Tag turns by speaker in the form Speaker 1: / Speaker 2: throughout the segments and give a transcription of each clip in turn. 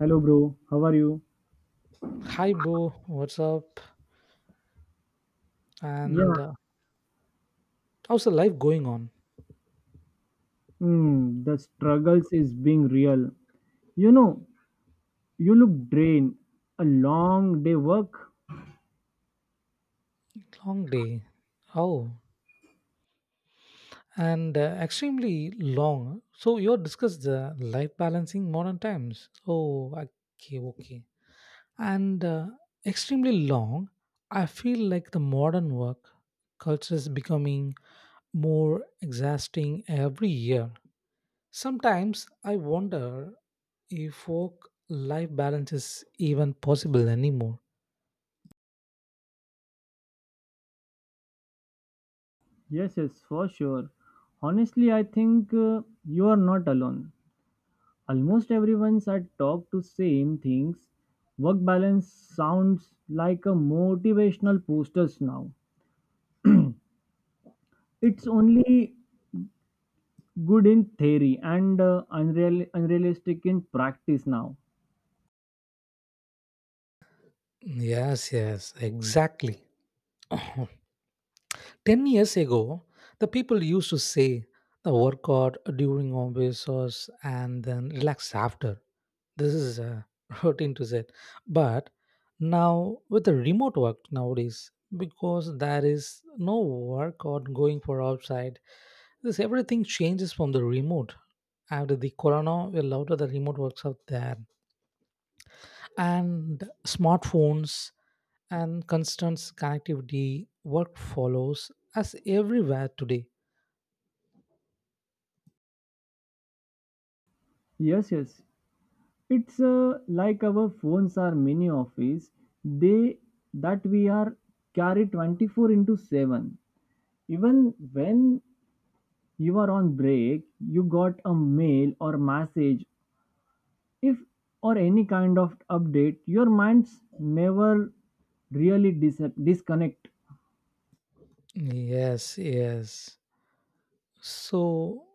Speaker 1: Hello, bro. How are you?
Speaker 2: Hi, bro. What's up?
Speaker 1: Yeah.
Speaker 2: And How's the life going on?
Speaker 1: Hmm. The struggles is being real. You know, you look drained. A long day work.
Speaker 2: Long day. Oh, and extremely long. So you discussed the life balancing modern times. Oh, okay, okay. And Extremely long. I feel like the modern work culture is becoming more exhausting every year. Sometimes I wonder if work life balance is even possible anymore.
Speaker 1: Yes, yes, for sure. Honestly, I think you are not alone. Almost everyone's I talk to same things. Work balance sounds like a motivational posters now. It's only good in theory and unrealistic in practice now.
Speaker 2: Yes, yes, exactly. 10 years ago, the people used to say the workout during office hours and then relax after. This is a routine to say. But now, with the remote work nowadays, because there is no workout going for outside, this everything changes from the remote. After the corona, a lot of the remote works out there, and smartphones and constant connectivity work follows us everywhere today.
Speaker 1: Yes, yes. It's like our phones are mini office. They that We are carry 24 into 7. Even when you are on break, you got a mail or message if or any kind of update, your minds never really disconnect.
Speaker 2: Yes, yes. So,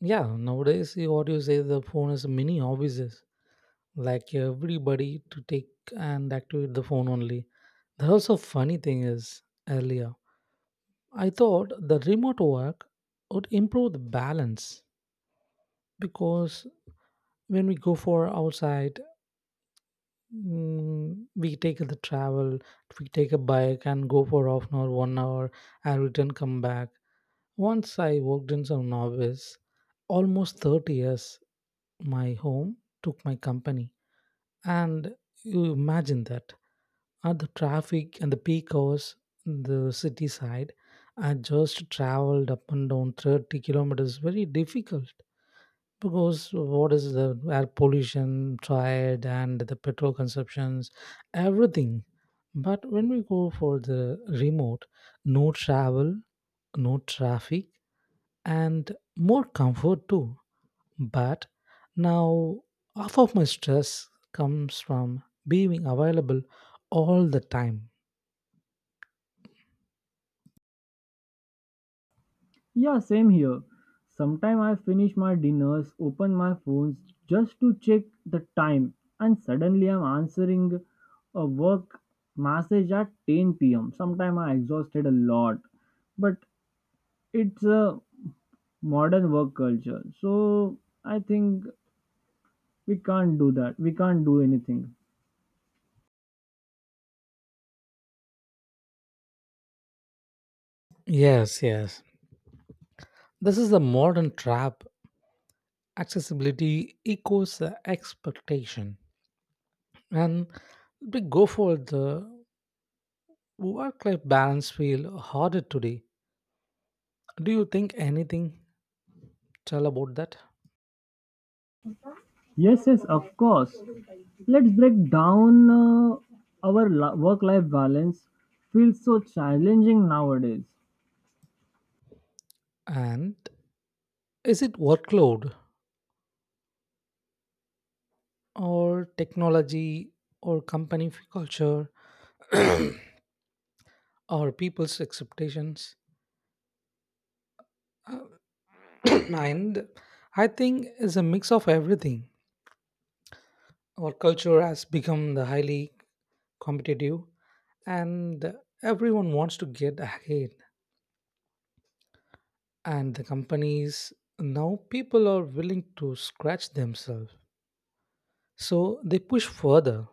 Speaker 2: yeah, nowadays, eh, what you say, the phone is mini obvious. Like everybody to take and activate the phone only. The also funny thing is earlier, I thought the remote work would improve the balance because when we go for outside we take the travel, we take a bike and go for 30 minutes, 1 hour, and return come back. Once I worked in some office, almost 30 years, my home took my company. And you imagine that at the traffic and the peak hours, in the city side, I just traveled up and down 30 kilometers, very difficult because what is the air pollution triad and the petrol consumptions everything, but when we go for the remote, no travel, no traffic, and more comfort too. But now half of my stress comes from being available all the time.
Speaker 1: Yeah, same here. Sometime I finish my dinners, open my phones just to check the time, and suddenly I'm answering a work message at 10 pm. Sometime I exhausted a lot, but it's a modern work culture, so I think we can't do that. We can't do anything.
Speaker 2: Yes, yes, this is the modern trap. Accessibility equals the expectation. And we go for the work life balance feel harder today. Do you think anything tell about that?
Speaker 1: Yes, yes, of course. Let's break down our work life balance feels so challenging nowadays.
Speaker 2: And is it workload or technology or company culture or people's expectations? Uh, and I think it's a mix of everything. Our culture has become the highly competitive, and everyone wants to get ahead, and the companies now people are willing to scratch themselves, so they push further.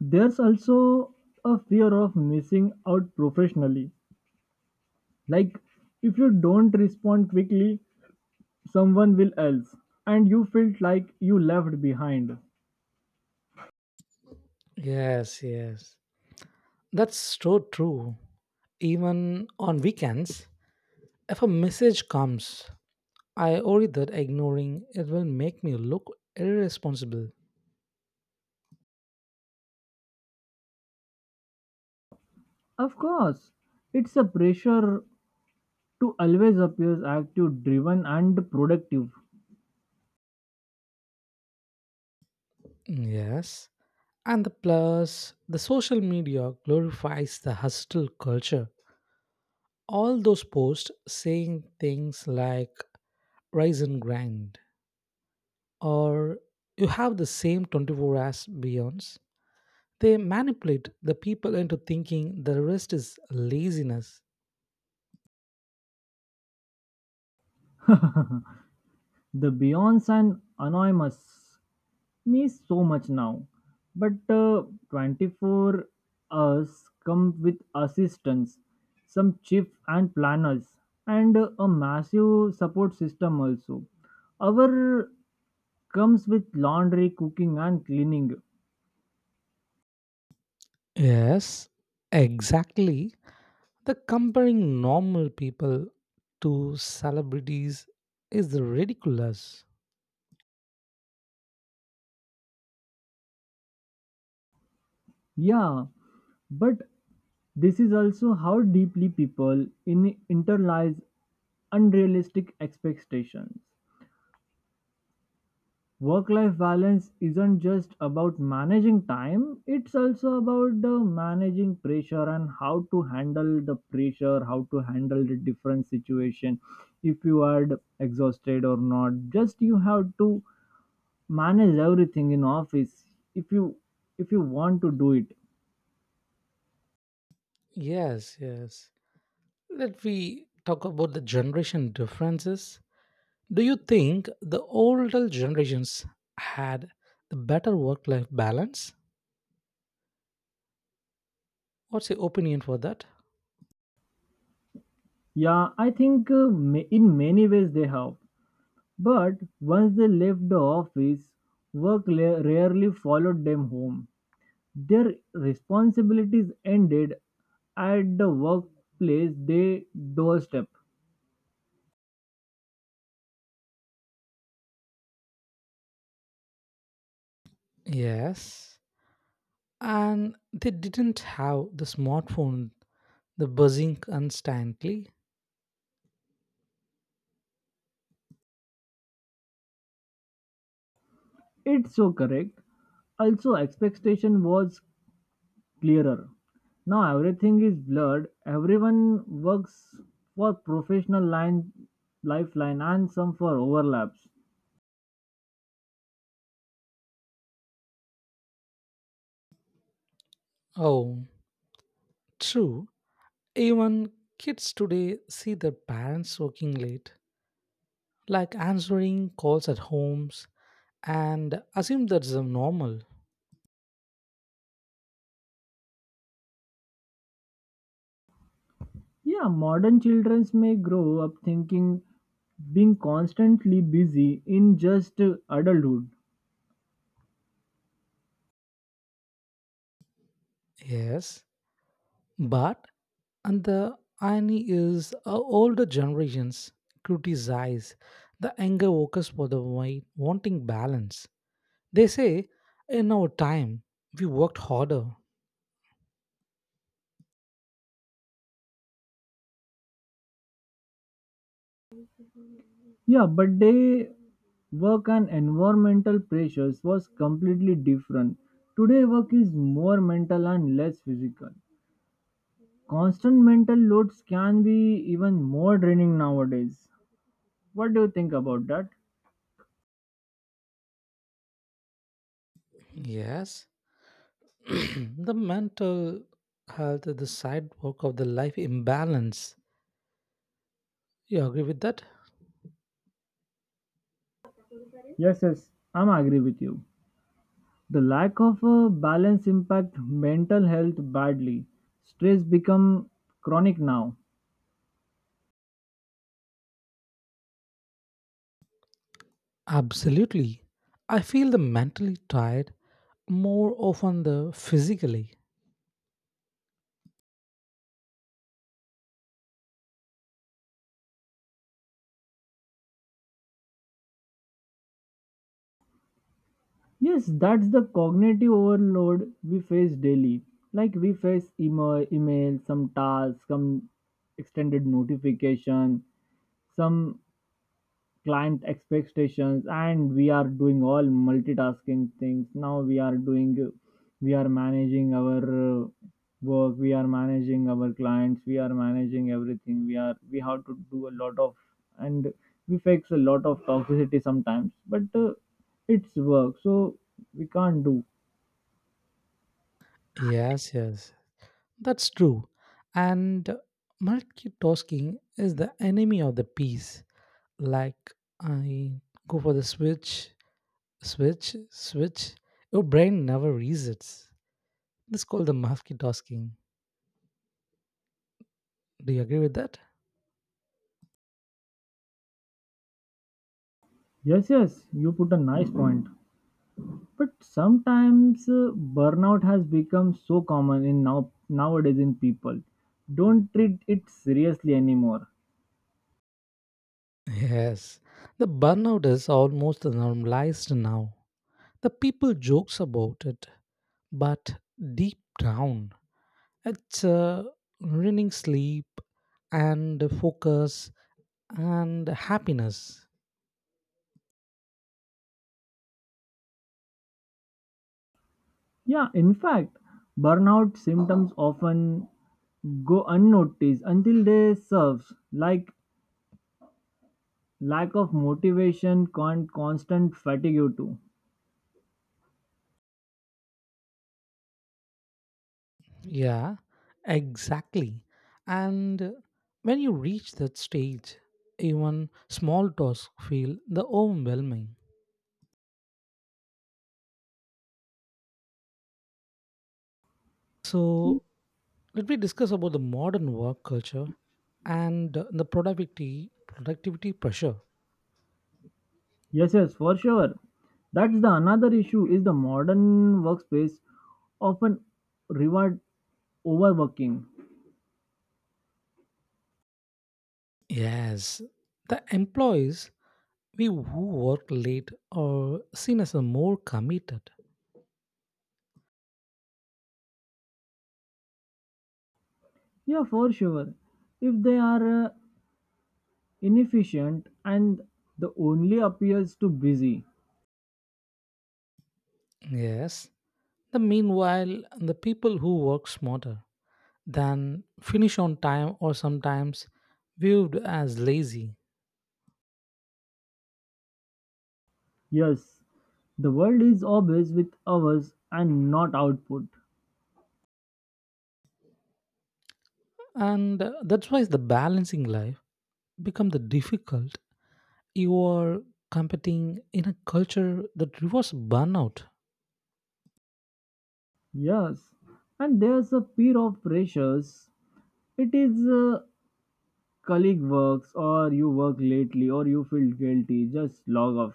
Speaker 1: There's also a fear of missing out professionally. Like, if you don't respond quickly, someone will else, and you felt like you left behind.
Speaker 2: Yes, yes, that's so true. Even on weekends, if a message comes, I worry that ignoring it will make me look irresponsible.
Speaker 1: Of course, it's a pressure to always appear active, driven, and productive.
Speaker 2: Yes, and the plus the social media glorifies the hustle culture, all those posts saying things like rise and grind, or you have the same 24 as beyonds. They manipulate the people into thinking the rest is laziness.
Speaker 1: The beyonds and anonymous. Means so much now. But 24 hours come with assistance, some chief and planners, and a massive support system also. Our comes with laundry, cooking, and cleaning.
Speaker 2: Yes, exactly, the comparing normal people to celebrities is ridiculous.
Speaker 1: Yeah, but this is also how deeply people in internalize unrealistic expectations. Work life balance isn't just about managing time, it's also about the managing pressure and how to handle the pressure, how to handle the different situation if you are exhausted or not. Just you have to manage everything in office if you if you want to do it.
Speaker 2: Yes, yes, let we talk about the generation differences. Do you think the older generations had the better work life balance? What's your opinion for that?
Speaker 1: Yeah, I think in many ways they help. But once they left the office, rarely followed them home. Their responsibilities ended at the workplace they doorstep.
Speaker 2: Yes, and they didn't have the smartphone the buzzing constantly.
Speaker 1: It's so correct. Also, expectation was clearer. Now everything is blurred. Everyone works for professional line, lifeline, and some for overlaps.
Speaker 2: Oh, true. Even kids today see their parents working late, like answering calls at homes, and assume that's the normal.
Speaker 1: Yeah, modern children may grow up thinking being constantly busy in just adulthood.
Speaker 2: Yes, but and the irony is older generations criticize the younger workers for wanting balance. They say in our time we worked harder.
Speaker 1: Yeah, but they work and environmental pressures was completely different. Today work is more mental and less physical. Constant mental loads can be even more draining nowadays. What do you think about that?
Speaker 2: Yes. The mental health is the side work of the life imbalance. You agree with that?
Speaker 1: Yes, yes, I'm agree with you. The lack of a balance impact mental health badly. Stress become chronic now.
Speaker 2: Absolutely. I feel the mentally tired more often than physically.
Speaker 1: Yes, that's the cognitive overload we face daily. Like we face email, email some tasks, some extended notification, some client expectations and we are doing all multitasking things now we are doing we are managing our uh, work, we are managing our clients, we are managing everything, we have to do a lot of, and we face a lot of toxicity sometimes but it's work, so we can't do.
Speaker 2: Yes, yes. That's true. And multitasking is the enemy of the peace. Like I go for the switch, switch, switch. Your brain never resets. This is called the multitasking. Do you agree with that?
Speaker 1: Yes, yes, you put a nice point. But sometimes burnout has become so common in now nowadays in people don't treat it seriously anymore.
Speaker 2: Yes, the burnout is almost normalized now. The people jokes about it, but deep down, it's ruining sleep and focus and happiness.
Speaker 1: Yeah, in fact, burnout symptoms often go unnoticed until they serves like lack of motivation, constant fatigue too.
Speaker 2: Yeah, exactly. And when you reach that stage, even small tasks feel the overwhelming. So let me discuss about the modern work culture and the productivity pressure.
Speaker 1: Yes, yes, for sure. That's the another issue is the modern workspace often reward overworking.
Speaker 2: Yes, the employees we who work late are seen as a more committed.
Speaker 1: Yeah, for sure. If they are inefficient, and the only appears to busy.
Speaker 2: Yes, the meanwhile the people who work smarter than finish on time or sometimes viewed as lazy.
Speaker 1: Yes, the world is obvious with hours and not output.
Speaker 2: And That's why the balancing life become the difficult. You are competing in a culture that rewards burnout.
Speaker 1: Yes, and there's a peer of pressures. It is colleague works, or you work lately, or you feel guilty, just log off.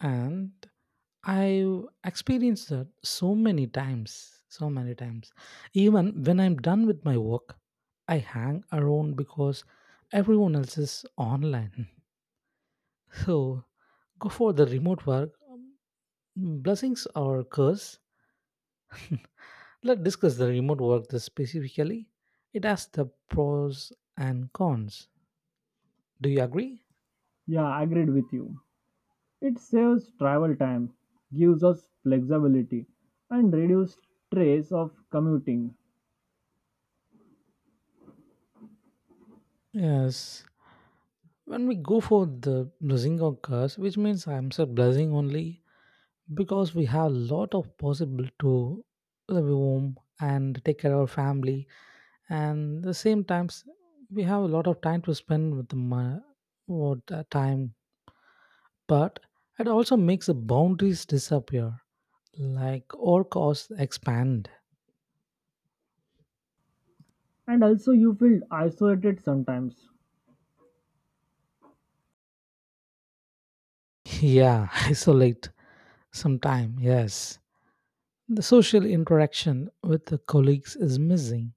Speaker 2: And I've experienced that so many times, so many times. Even when I'm done with my work, I hang around because everyone else is online. So go for the remote work, blessings or curse? Let's discuss the remote work this specifically. It has the pros and cons, do you agree?
Speaker 1: Yeah, agreed with you. It saves travel time, gives us flexibility, and reduces stress of commuting.
Speaker 2: Yes, when we go for the blessing or curse, which means I'm said blessing only, because we have a lot of possible to live home and take care of our family, and the same times we have a lot of time to spend with with the time. But it also makes the boundaries disappear, like all costs expand.
Speaker 1: And also, you feel isolated sometimes.
Speaker 2: Yeah, isolate some time, yes. The social interaction with the colleagues is missing,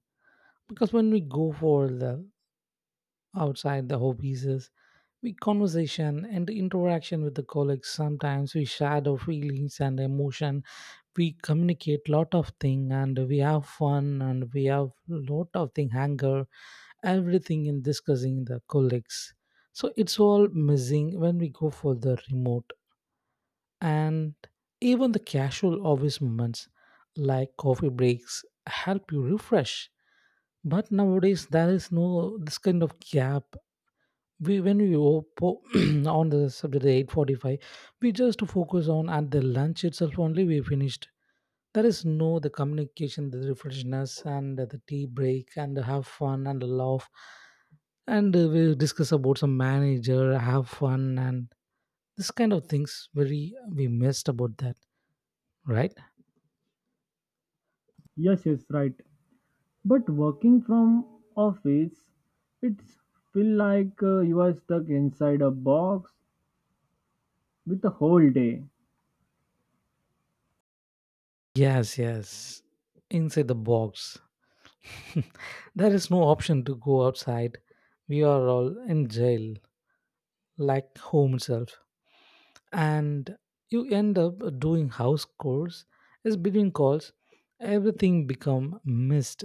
Speaker 2: because when we go for the outside the hobbies is we conversation and interaction with the colleagues. Sometimes we share our feelings and emotion, we communicate lot of thing and we have fun and we have lot of thing anger, everything in discussing the colleagues. So it's all missing when we go for the remote. And even the casual office moments like coffee breaks help you refresh, but nowadays there is no this kind of gap. We when we on the subject at 8:45, we just focus on at the lunch itself only we finished. There is no the communication, the refreshness and the tea break and have fun and laugh, and we discuss about some manager have fun, and this kind of things very we missed about that, right?
Speaker 1: Yes, yes, right. But working from office, it's feel like you are stuck inside a box with a whole day.
Speaker 2: Yes, yes, inside the box. There is no option to go outside, we are all in jail like home itself. And you end up doing house chores as between calls, everything become missed.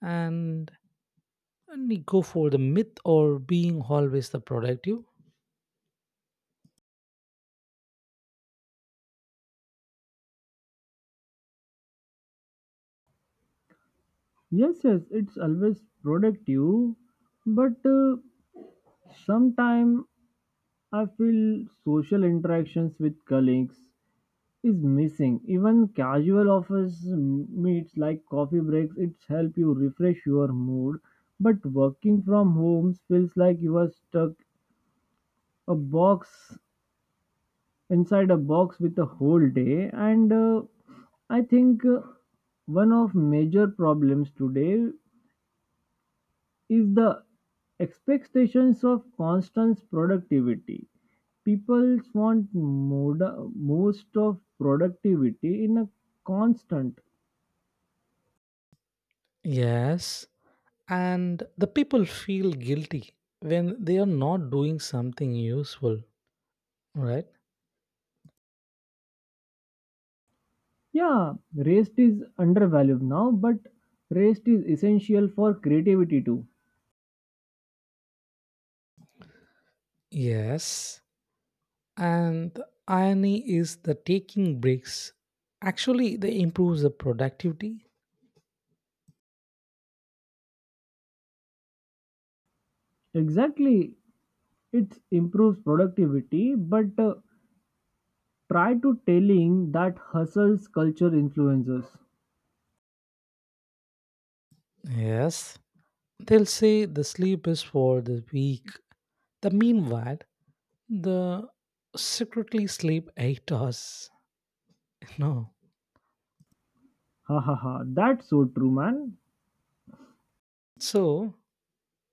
Speaker 2: And, and you go for the myth or being always the productive.
Speaker 1: Yes, yes, it's always productive, but sometimes I feel social interactions with colleagues is missing. Even casual office meets like coffee breaks, it's help you refresh your mood. But working from homes feels like you are stuck a box inside a box with a whole day and I think one of major problems today is the expectations of constant productivity, people want most of productivity in a constant.
Speaker 2: Yes, and the people feel guilty when they are not doing something useful, right?
Speaker 1: Yeah, rest is undervalued now but rest is essential for creativity too.
Speaker 2: Yes, and the irony is the taking breaks actually they improves the productivity.
Speaker 1: Exactly, it improves productivity but try to telling that hustle's culture influences.
Speaker 2: Yes, they'll say the sleep is for the weak. The meanwhile, the secretly sleep 8 hours. No.
Speaker 1: Ha ha ha. That's so true, man.
Speaker 2: So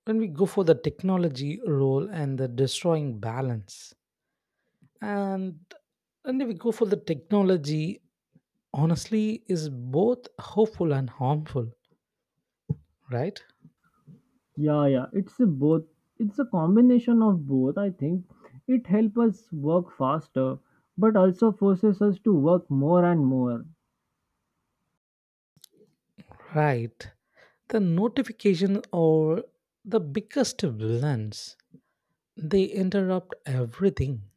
Speaker 2: when we go for the technology role and the destroying balance, and and if we go for the technology, honestly, is both hopeful and harmful, right?
Speaker 1: Yeah, yeah. It's a both. It's a combination of both. I think it helps us work faster, but also forces us to work more and more.
Speaker 2: Right. The notification are the biggest villains. They interrupt everything.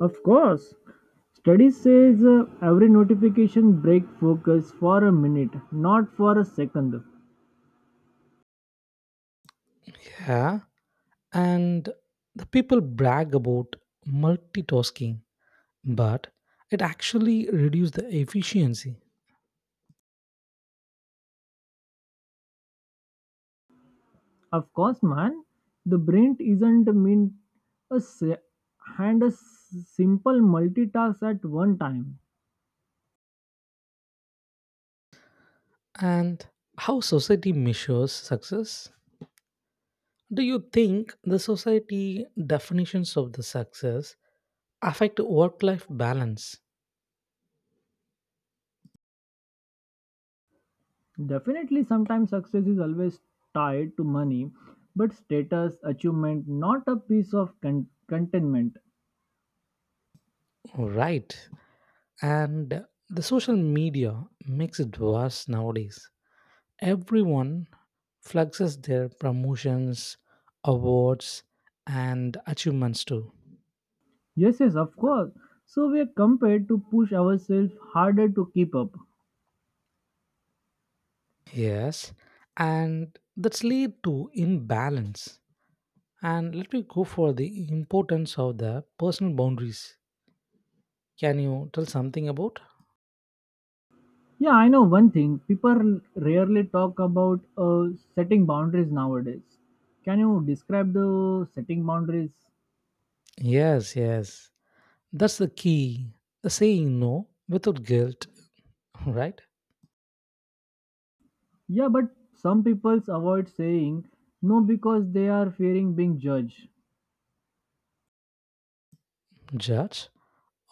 Speaker 1: Of course, studies says every notification break focus for a minute, not for a second.
Speaker 2: Yeah. And the people brag about multitasking, but it actually reduces the efficiency.
Speaker 1: Of course, man. The brain isn't meant a s- and a s- simple multitask at one time.
Speaker 2: And how society measures success? Do you think the society definitions of the success affect work life balance?
Speaker 1: Definitely, sometimes success is always tied to money, but status, achievement, not a piece of contentment.
Speaker 2: Right. And the social media makes it worse nowadays. Everyone flexes their promotions, awards, and achievements too.
Speaker 1: Yes, yes, of course. So we are compared to push ourselves harder to keep up.
Speaker 2: Yes, and that's lead to imbalance. And let me go for the importance of the personal boundaries. Can you tell something about?
Speaker 1: Yeah, I know one thing. People rarely talk about setting boundaries nowadays. Can you describe the setting boundaries?
Speaker 2: Yes, yes. That's the key. The saying no without guilt, right?
Speaker 1: Yeah, but some people avoid saying no because they are fearing being judged.
Speaker 2: Judge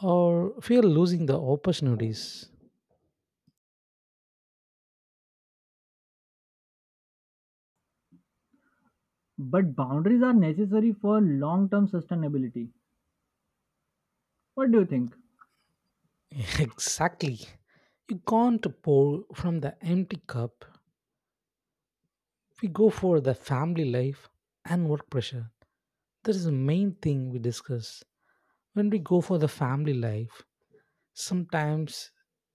Speaker 2: or fear losing the opportunities.
Speaker 1: But boundaries are necessary for long term sustainability. What do you think?
Speaker 2: Exactly. You can't pour from the empty cup. We go for the family life and work pressure. That is the main thing we discuss. When we go for the family life, sometimes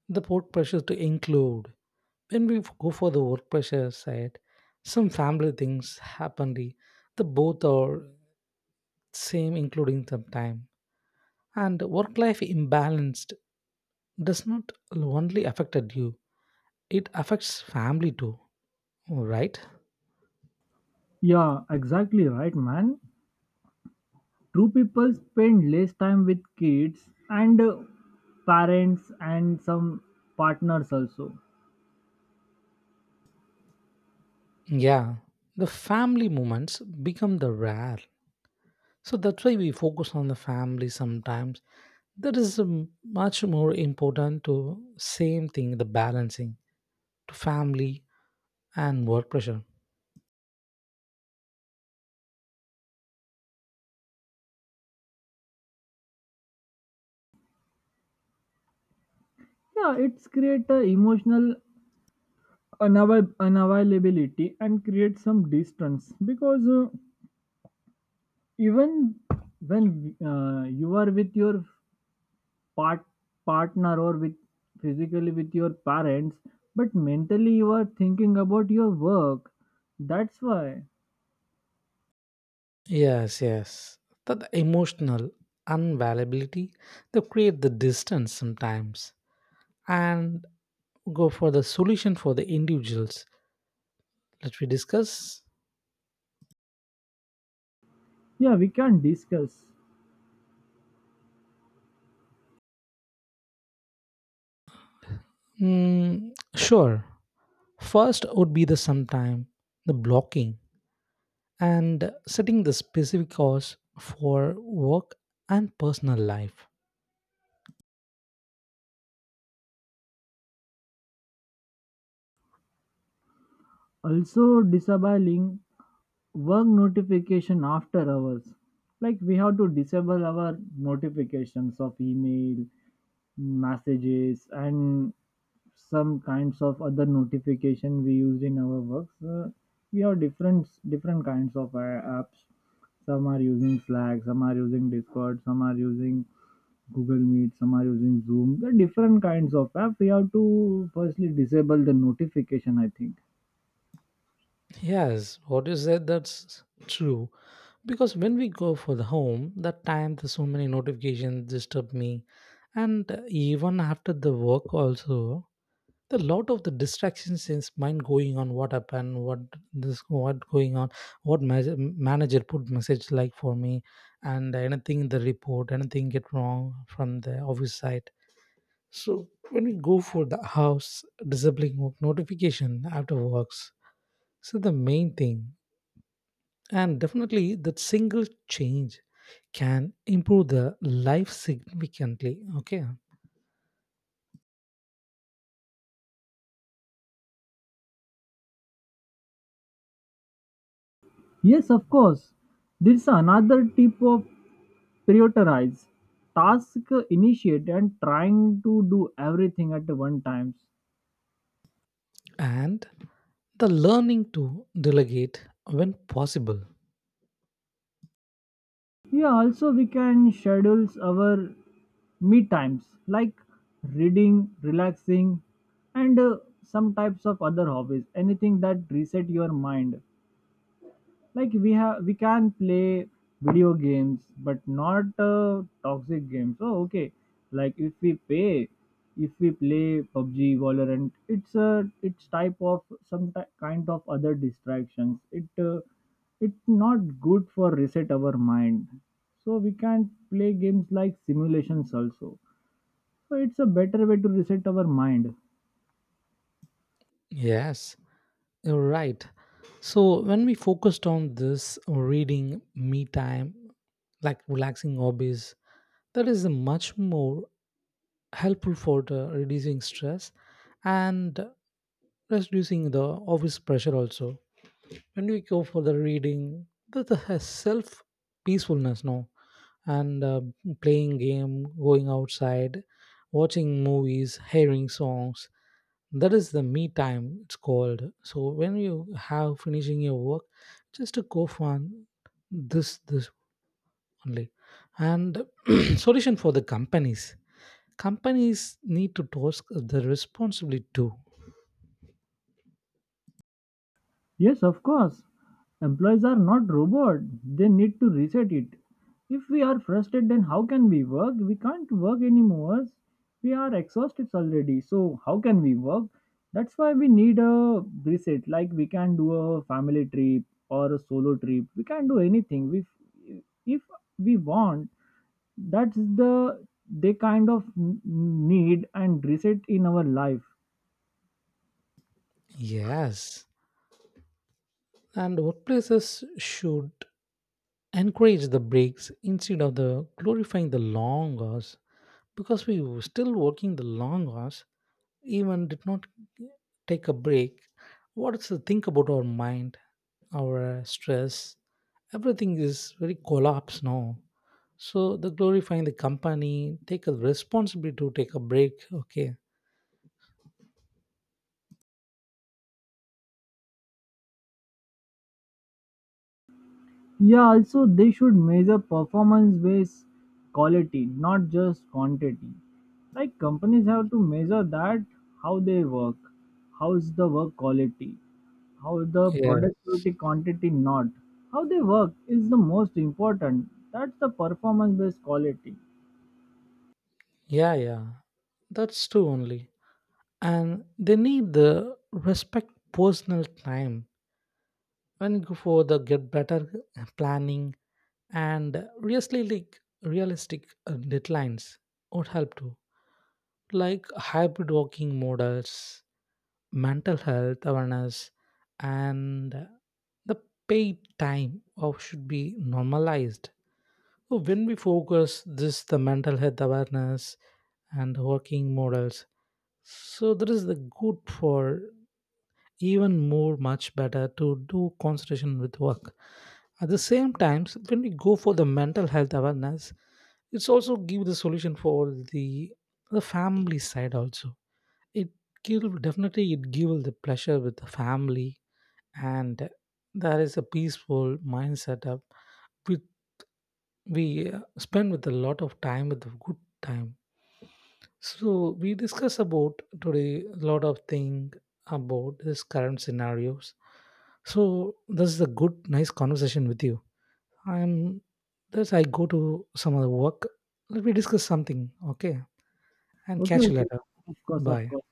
Speaker 2: the work pressure to include. When we go for the work pressure side, some family things happen. The both are same, including some time. And work life imbalanced does not only affected you; it affects family too. Oh, right?
Speaker 1: Yeah, exactly right, man. True people spend less time with kids and parents and some partners also.
Speaker 2: Yeah. The family moments become the rare. So that's why we focus on the family sometimes. That is much more important to same thing, the balancing to family and work pressure.
Speaker 1: Yeah, it's create a emotional unavailability and create some distance because even when you are with your part partner or with physically with your parents but mentally you are thinking about your work, that's why.
Speaker 2: Yes, yes. That emotional unavailability, they create the distance sometimes, and go for the solution for the individuals. Let we discuss.
Speaker 1: Yeah, we can discuss.
Speaker 2: Mm, sure. First would be the sometime, the blocking, and setting the specific hours for work and personal life.
Speaker 1: Also disabling work notification after hours, like we have to disable our notifications of email, messages, and some kinds of other notification we use in our works. We have different different kinds of apps, some are using Slack, some are using Discord, some are using Google Meet, some are using Zoom. There are different kinds of app, we have to firstly disable the notification, I think.
Speaker 2: Yes, what you said that's true. Because when we go for the home, that time there's so many notifications disturb me, and even after the work also. The lot of the distractions in his mind going on, what happened, what this, what going on, what manager put message like for me, and anything in the report anything get wrong from the office side. So when we go for the house, disabling work notification after works, so the main thing, and definitely that single change can improve the life significantly, okay.
Speaker 1: Yes, of course. There's another tip of prioritize task, initiate and trying to do everything at one time.
Speaker 2: And the learning to delegate when possible.
Speaker 1: Yeah, also we can schedule our me times like reading, relaxing, and some types of other hobbies. Anything that reset your mind, like we have, we can play video games but not toxic games. Oh, okay. Like if we pay if we play PUBG, Valorant, it's a, it's type of some kind of other distractions. It it's not good for reset our mind. So we can play games like simulations also, so it's a better way to reset our mind.
Speaker 2: Yes, you're right. So when we focused on this reading, me time, like relaxing hobbies, that is much more helpful for the reducing stress and reducing the office pressure also. When we go for the reading, that has self peacefulness now, and playing game, going outside, watching movies, hearing songs, that is the me time it's called. So when you have finishing your work, just to go for this only. And solution for the companies, companies need to task the responsibility too.
Speaker 1: Yes, of course. Employees are not robot. They need to reset it. If we are frustrated, then how can we work? We can't work anymore. We are exhausted already. So how can we work? That's why we need a reset. Like we can do a family trip or a solo trip. We can do anything. If we want, that's the they kind of need and reset in our life.
Speaker 2: Yes, and workplaces should encourage the breaks instead of the glorifying the long hours, because we were still working the long hours, even did not take a break. What's the think about our mind, our stress, everything is very collapse now. So the glorifying the company take a responsibility to take a break, okay.
Speaker 1: Yeah, also they should measure performance based quality, not just quantity. Like companies have to measure that how they work, how is the work quality, how the
Speaker 2: yeah
Speaker 1: productivity quantity not, how they work is the most important. That's the performance based quality.
Speaker 2: yeah yeah That's true only. And they need the respect personal time and go for the get better planning and realistically, like, realistic deadlines would help too, like hybrid working models, mental health awareness, and the paid time of should be normalized. So when we focus this the mental health awareness and working models, so that is the good for even more much better to do concentration with work. At the same time when we go for the mental health awareness, it's also give the solution for the family side also. It Give definitely it give the pleasure with the family, and there is a peaceful mindset up with we spend with a lot of time with a good time. So we discuss about today a lot of thing about this current scenarios. So this is a good, nice conversation with you. I'm this I go to some other work. Let me discuss something, okay? And
Speaker 1: Okay,
Speaker 2: catch you
Speaker 1: okay,
Speaker 2: later.
Speaker 1: of course, of
Speaker 2: Bye.
Speaker 1: course.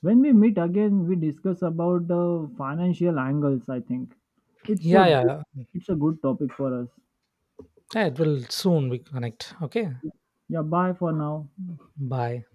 Speaker 1: When we meet again, we discuss about the financial angles. I think it's a
Speaker 2: Yeah,
Speaker 1: good,
Speaker 2: yeah.
Speaker 1: it's a good topic for us.
Speaker 2: Yeah, it will soon we connect. Okay.
Speaker 1: Yeah, bye for now.
Speaker 2: Bye.